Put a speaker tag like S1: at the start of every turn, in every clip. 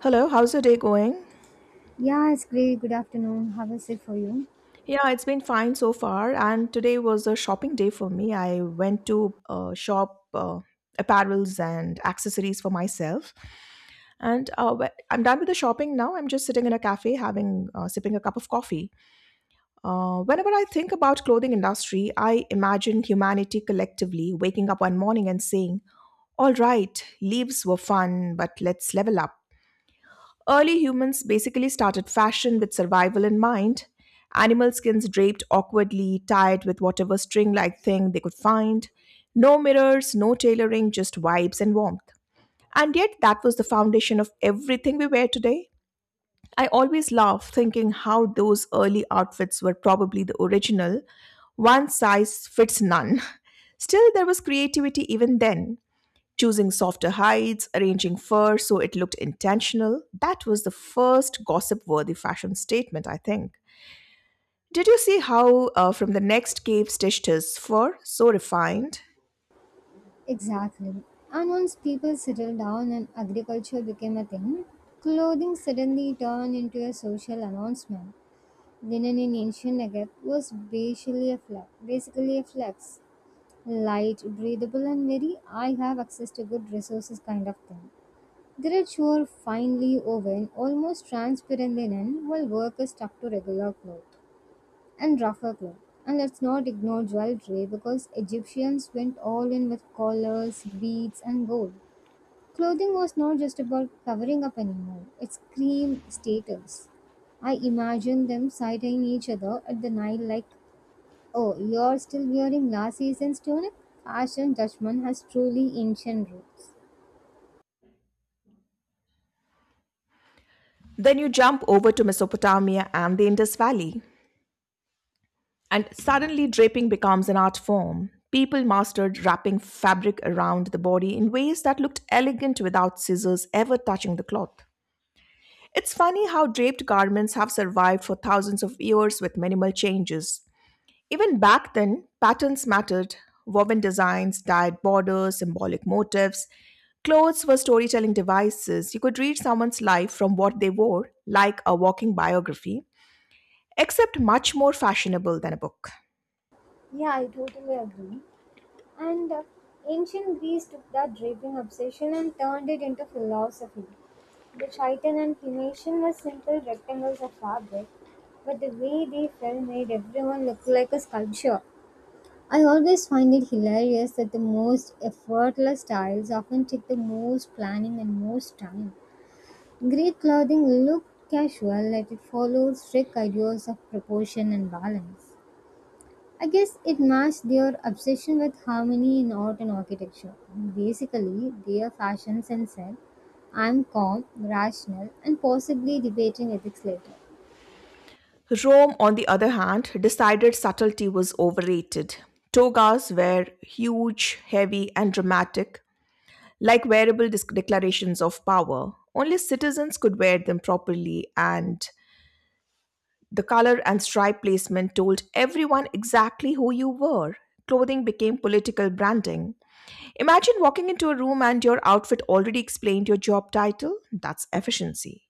S1: Hello, how's your day going?
S2: Yeah, it's great. Good afternoon. How is it for you?
S1: Yeah, it's been fine so far. And today was a shopping day for me. I went to shop apparels and accessories for myself. And I'm done with the shopping now. I'm just sitting in a cafe, having sipping a cup of coffee. Whenever I think about clothing industry, I imagine humanity collectively waking up one morning and saying, "All right, leaves were fun, but let's level up." Early humans basically started fashion with survival in mind. Animal skins draped awkwardly, tied with whatever string like thing they could find. No mirrors, no tailoring, just vibes and warmth. And yet, that was the foundation of everything we wear today. I always laugh thinking how those early outfits were probably the original. One size fits none. Still, there was creativity even then, choosing softer hides, arranging fur so it looked intentional. That was the first gossip worthy fashion statement, I think. Did you see how from the next cave stitched his fur, so refined?
S2: Exactly. And once people settled down and agriculture became a thing, clothing suddenly turned into a social announcement. Linen in ancient Egypt was basically a flex, light, breathable, and very I have access to good resources kind of thing. Threads were finely woven, almost transparent linen, while workers stuck to regular clothes and rougher cloth. And let's not ignore jewelry because Egyptians went all in with collars, beads, and gold. Clothing was not just about covering up anymore, it screamed status. I imagine them sighting each other at the Nile like, oh, you're still wearing last season's tunic? Fashion judgment has truly ancient roots.
S1: Then you jump over to Mesopotamia and the Indus Valley, and suddenly draping becomes an art form. People mastered wrapping fabric around the body in ways that looked elegant without scissors ever touching the cloth. It's funny how draped garments have survived for thousands of years with minimal changes. Even back then, patterns mattered. Woven designs, dyed borders, symbolic motifs. Clothes were storytelling devices. You could read someone's life from what they wore, like a walking biography, except much more fashionable than a book.
S2: Yeah, I totally agree. And ancient Greece took that draping obsession and turned it into philosophy. The chiton and Phoenician were simple rectangles of fabric, but the way they fell made everyone look like a sculpture. I always find it hilarious that the most effortless styles often take the most planning and most time. Greek clothing looked casual, yet it followed strict ideas of proportion and balance. I guess it masks their obsession with harmony in art and architecture. Basically, their fashion sense said, I'm calm, rational, and possibly debating ethics later.
S1: Rome, on the other hand, decided subtlety was overrated. Togas were huge, heavy, and dramatic, like wearable declarations of power. Only citizens could wear them properly, and the color and stripe placement told everyone exactly who you were. Clothing became political branding. Imagine walking into a room and your outfit already explained your job title. That's efficiency.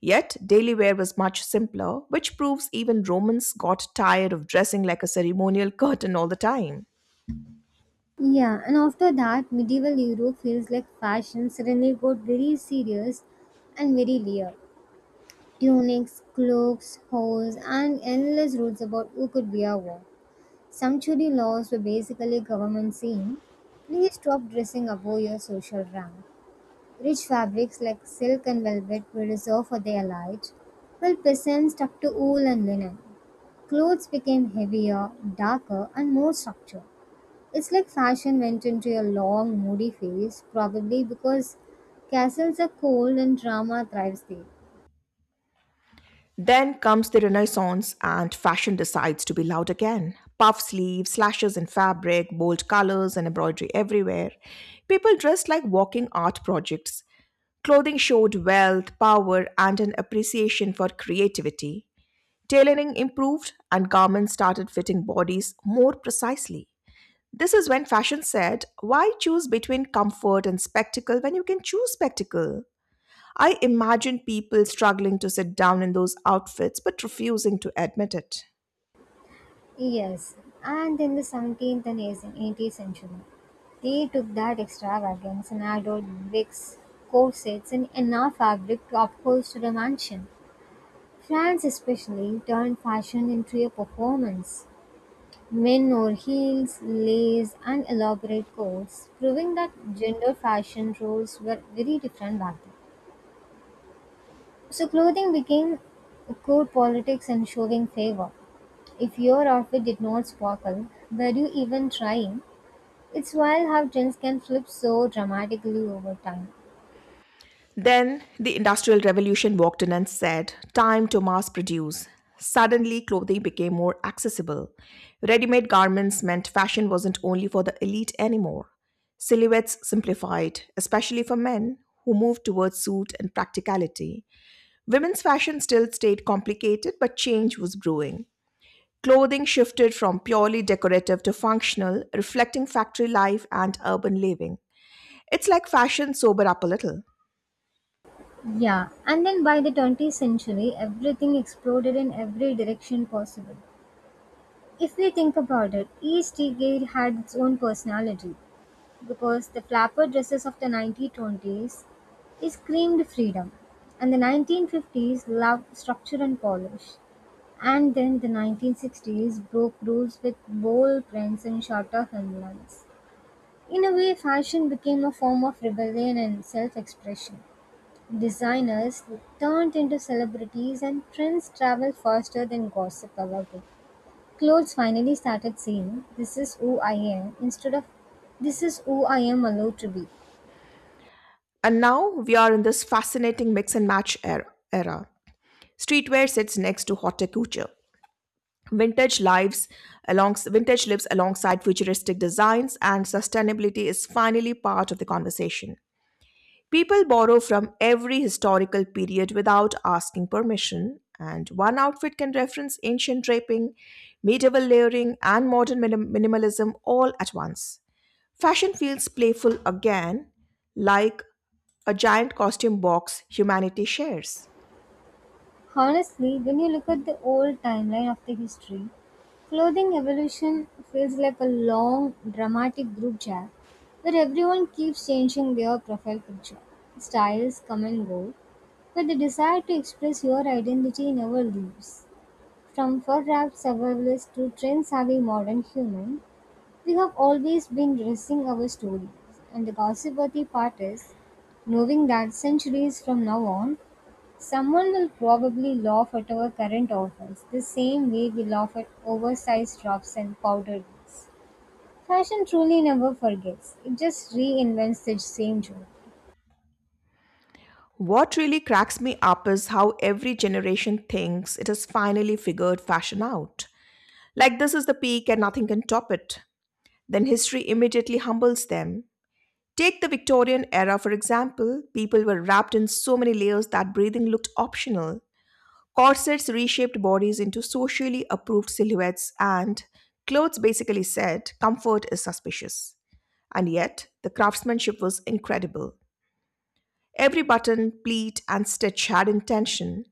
S1: Yet, daily wear was much simpler, which proves even Romans got tired of dressing like a ceremonial curtain all the time.
S2: Yeah, and after that, medieval Europe feels like fashion suddenly got very serious and very layered. Tunics, cloaks, hose, and endless rules about who could wear what. Sumptuary laws were basically government saying, please stop dressing above your social rank. Rich fabrics like silk and velvet were reserved for their light, while peasants stuck to wool and linen. Clothes became heavier, darker, and more structured. It's like fashion went into a long, moody phase, probably because castles are cold and drama thrives there.
S1: Then comes the Renaissance, and fashion decides to be loud again. Puff sleeves, slashes in fabric, bold colors, and embroidery everywhere. People dressed like walking art projects. Clothing showed wealth, power, and an appreciation for creativity. Tailoring improved, and garments started fitting bodies more precisely. This is when fashion said, why choose between comfort and spectacle when you can choose spectacle? I imagine people struggling to sit down in those outfits but refusing to admit it.
S2: Yes, and in the 17th and 18th century, they took that extravagance and added wigs, corsets, and enough fabric to upholster a mansion. France especially turned fashion into a performance. Men wore heels, lace, and elaborate coats, proving that gender fashion roles were very different back then. So clothing became court politics and showing favor. If your outfit did not sparkle, were you even trying? It's wild how trends can flip so dramatically over time.
S1: Then the Industrial Revolution walked in and said, time to mass produce. Suddenly, clothing became more accessible. Ready made garments meant fashion wasn't only for the elite anymore. Silhouettes simplified, especially for men who moved towards suit and practicality. Women's fashion still stayed complicated, but change was brewing. Clothing shifted from purely decorative to functional, reflecting factory life and urban living. It's like fashion sobered up a little.
S2: Yeah, and then by the 20th century, everything exploded in every direction possible. If we think about it, each decade had its own personality because the flapper dresses of the 1920s screamed freedom, and the 1950s loved structure and polish, and then the 1960s broke rules with bold prints and shorter hemlines. In a way, fashion became a form of rebellion and self expression. Designers turned into celebrities, and trends traveled faster than gossip ever could. Clothes finally started saying, "This is who I am," instead of, "This is who I am allowed to be."
S1: And now we are in this fascinating mix and match era. Streetwear sits next to haute couture. Vintage lives Vintage lives alongside futuristic designs, and sustainability is finally part of the conversation. People borrow from every historical period without asking permission, and one outfit can reference ancient draping, medieval layering, and modern minimalism all at once. Fashion feels playful again, like a giant costume box humanity shares.
S2: Honestly, when you look at the old timeline of the history, clothing evolution feels like a long, dramatic group chat where everyone keeps changing their profile picture. Styles come and go, but the desire to express your identity never leaves. From fur-wrapped survivalist to trend-savvy modern human, we have always been dressing our stories, and the gossipy part is knowing that centuries from now on, someone will probably laugh at our current offers the same way we laugh at oversized drops and powdered wigs. Fashion truly never forgets, it just reinvents the same joke.
S1: What really cracks me up is how every generation thinks it has finally figured fashion out. Like this is the peak and nothing can top it. Then history immediately humbles them. Take the Victorian era, for example. People were wrapped in so many layers that breathing looked optional. Corsets reshaped bodies into socially approved silhouettes, and clothes basically said, comfort is suspicious. And yet, the craftsmanship was incredible. Every button, pleat, and stitch had intention.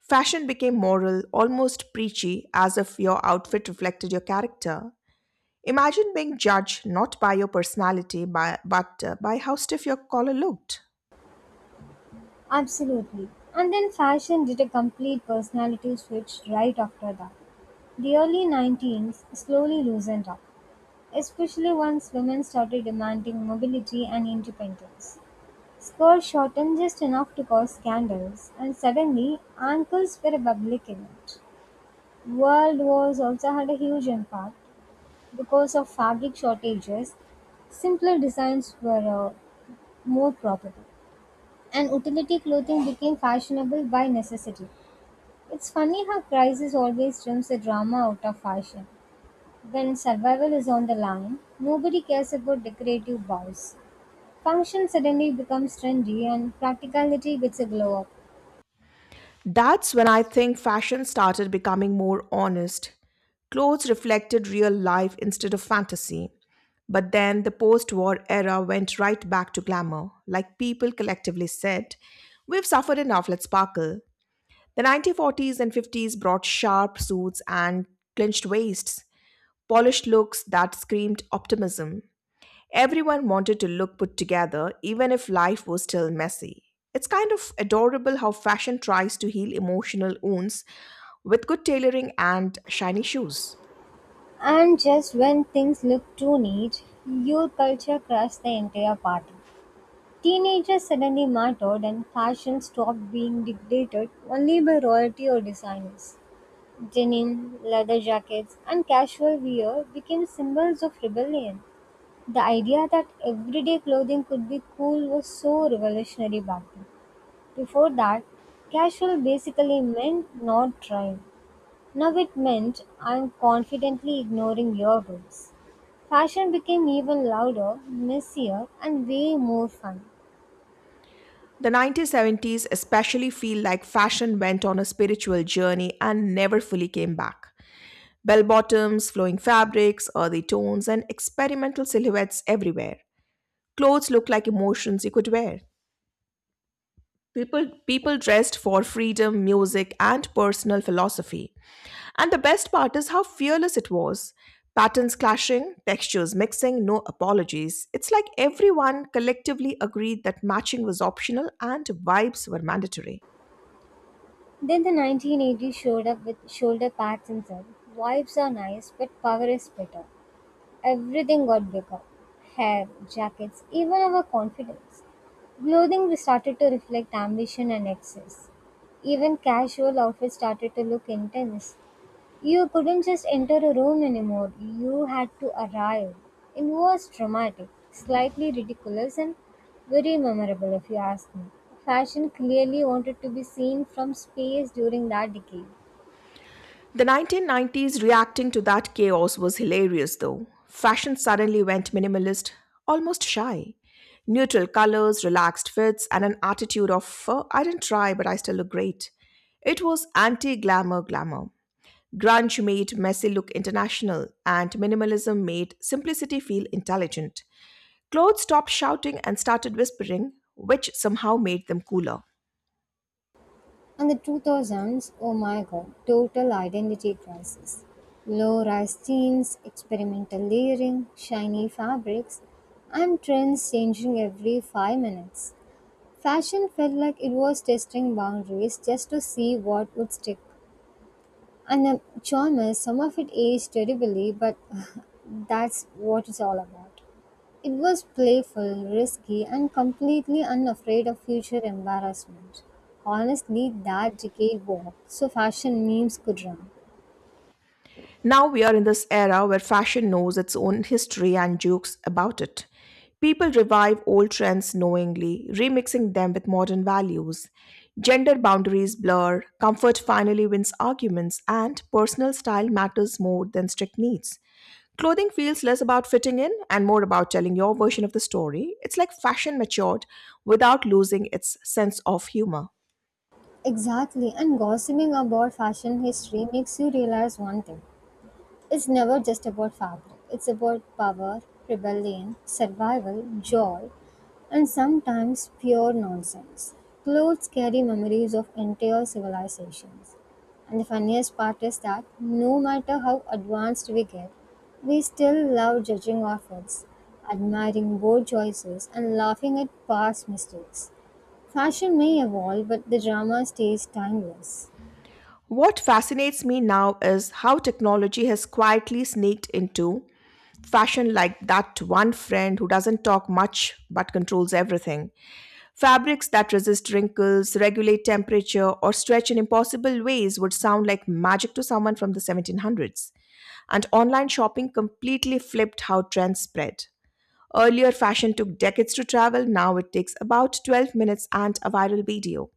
S1: Fashion became moral, almost preachy, as if your outfit reflected your character. Imagine being judged not by your personality, but by how stiff your collar looked.
S2: Absolutely. And then fashion did a complete personality switch right after that. The early 19s slowly loosened up, especially once women started demanding mobility and independence. Skirts shortened just enough to cause scandals, and suddenly ankles were a public event. World wars also had a huge impact because of fabric shortages. Simpler designs were more probable, and utility clothing became fashionable by necessity. It's funny how crisis always trims the drama out of fashion. When survival is on the line, nobody cares about decorative bows. Function suddenly becomes trendy and practicality gets a glow-up.
S1: That's when I think fashion started becoming more honest. Clothes reflected real life instead of fantasy. But then the post war era went right back to glamour. Like people collectively said, we've suffered enough, let's sparkle. The 1940s and 50s brought sharp suits and clinched waists, polished looks that screamed optimism. Everyone wanted to look put together, even if life was still messy. It's kind of adorable how fashion tries to heal emotional wounds with good tailoring and shiny shoes.
S2: And just when things look too neat, your culture crashed the entire party. Teenagers suddenly mattered and fashion stopped being dictated only by royalty or designers. Denim, leather jackets, and casual wear became symbols of rebellion. The idea that everyday clothing could be cool was so revolutionary back then. Before that, casual basically meant not trying. Now it meant I'm confidently ignoring your rules. Fashion became even louder, messier, and way more fun.
S1: The 1970s especially feel like fashion went on a spiritual journey and never fully came back. Bell bottoms, flowing fabrics, earthy tones, and experimental silhouettes everywhere. Clothes look like emotions you could wear. People dressed for freedom, music, and personal philosophy. And the best part is how fearless it was. Patterns clashing, textures mixing, no apologies. It's like everyone collectively agreed that matching was optional and vibes were mandatory.
S2: Then the 1980s showed up with shoulder pads and said, "Wives are nice, but power is better." Everything got bigger hair, jackets, even our confidence. Clothing started to reflect ambition and excess. Even casual outfits started to look intense. You couldn't just enter a room anymore, you had to arrive. It was dramatic, slightly ridiculous, and very memorable if you ask me. Fashion clearly wanted to be seen from space during that decade.
S1: The 1990s reacting to that chaos was hilarious though. Fashion suddenly went minimalist, almost shy. Neutral colors, relaxed fits, and an attitude of, I didn't try, but I still look great." It was anti glamour glamour. Grunge made messy look international, and minimalism made simplicity feel intelligent. Clothes stopped shouting and started whispering, which somehow made them cooler.
S2: And the 2000s, oh my god, total identity crisis. Low rise jeans, experimental layering, shiny fabrics, and trends changing every 5 minutes. Fashion felt like it was testing boundaries just to see what would stick. And then genres, some of it aged terribly, but that's what it's all about. It was playful, risky, and completely unafraid of future embarrassment. Honestly, that decade walked, so fashion memes could run.
S1: Now we are in this era where fashion knows its own history and jokes about it. People revive old trends knowingly, remixing them with modern values. Gender boundaries blur, comfort finally wins arguments, and personal style matters more than strict needs. Clothing feels less about fitting in and more about telling your version of the story. It's like fashion matured without losing its sense of humor.
S2: Exactly, and gossiping about fashion history makes you realize one thing: it's never just about fabric, it's about power, rebellion, survival, joy, and sometimes pure nonsense. Clothes carry memories of entire civilizations. And the funniest part is that no matter how advanced we get, we still love judging outfits, admiring bold choices, and laughing at past mistakes. Fashion may evolve, but the drama stays timeless.
S1: What fascinates me now is how technology has quietly sneaked into fashion like that one friend who doesn't talk much but controls everything. Fabrics that resist wrinkles, regulate temperature, or stretch in impossible ways would sound like magic to someone from the 1700s. And online shopping completely flipped how trends spread. Earlier, fashion took decades to travel, now it takes about 12 minutes and a viral video.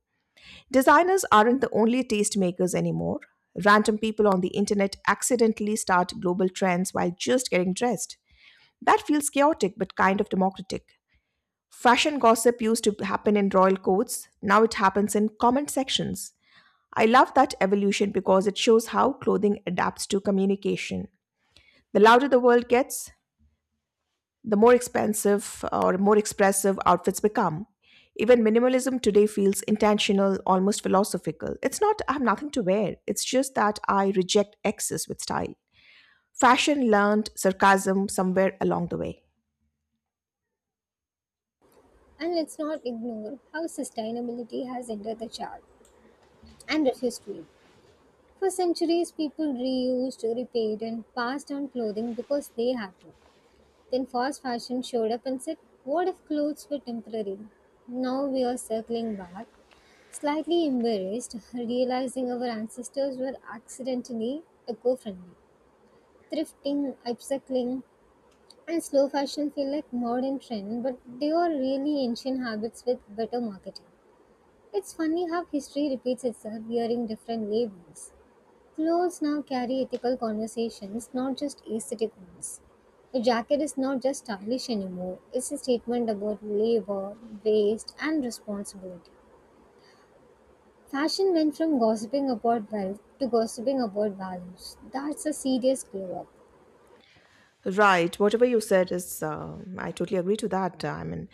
S1: Designers aren't the only tastemakers anymore. Random people on the internet accidentally start global trends while just getting dressed. That feels chaotic but kind of democratic. Fashion gossip used to happen in royal courts, now it happens in comment sections. I love that evolution because it shows how clothing adapts to communication. The louder the world gets, the more expensive or more expressive outfits become. Even minimalism today feels intentional, almost philosophical. It's not, I have nothing to wear, it's just that I reject excess with style. Fashion learned sarcasm somewhere along the way.
S2: And let's not ignore how sustainability has entered the chart and refused to it. For centuries, people reused, repaid, and passed on clothing because they had to. Then fast fashion showed up and said, "What if clothes were temporary?" Now we are circling back, slightly embarrassed, realizing our ancestors were accidentally eco friendly. Thrifting, upcycling, and slow fashion feel like modern trend, but they are really ancient habits with better marketing. It's funny how history repeats itself wearing different labels. Clothes now carry ethical conversations, not just aesthetic ones. A jacket is not just stylish anymore, it's a statement about labor, waste, and responsibility. Fashion went from gossiping about wealth to gossiping about values. That's a serious glow up.
S1: Right. Whatever you said is, I totally agree to that.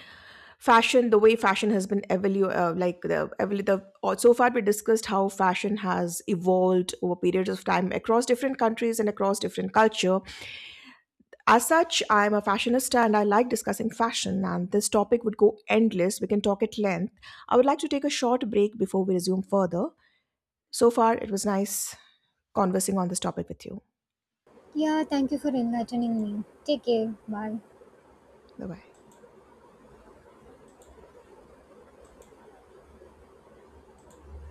S1: Fashion, the way fashion has been evolu like the, evolu- the or so far we discussed how fashion has evolved over periods of time across different countries and across different culture. As such, I'm a fashionista and I like discussing fashion, and this topic would go endless. We can talk at length. I would like to take a short break before we resume further. So far, it was nice conversing on this topic with you.
S2: Yeah, thank you for enlightening me. Take care. Bye.
S1: Bye bye.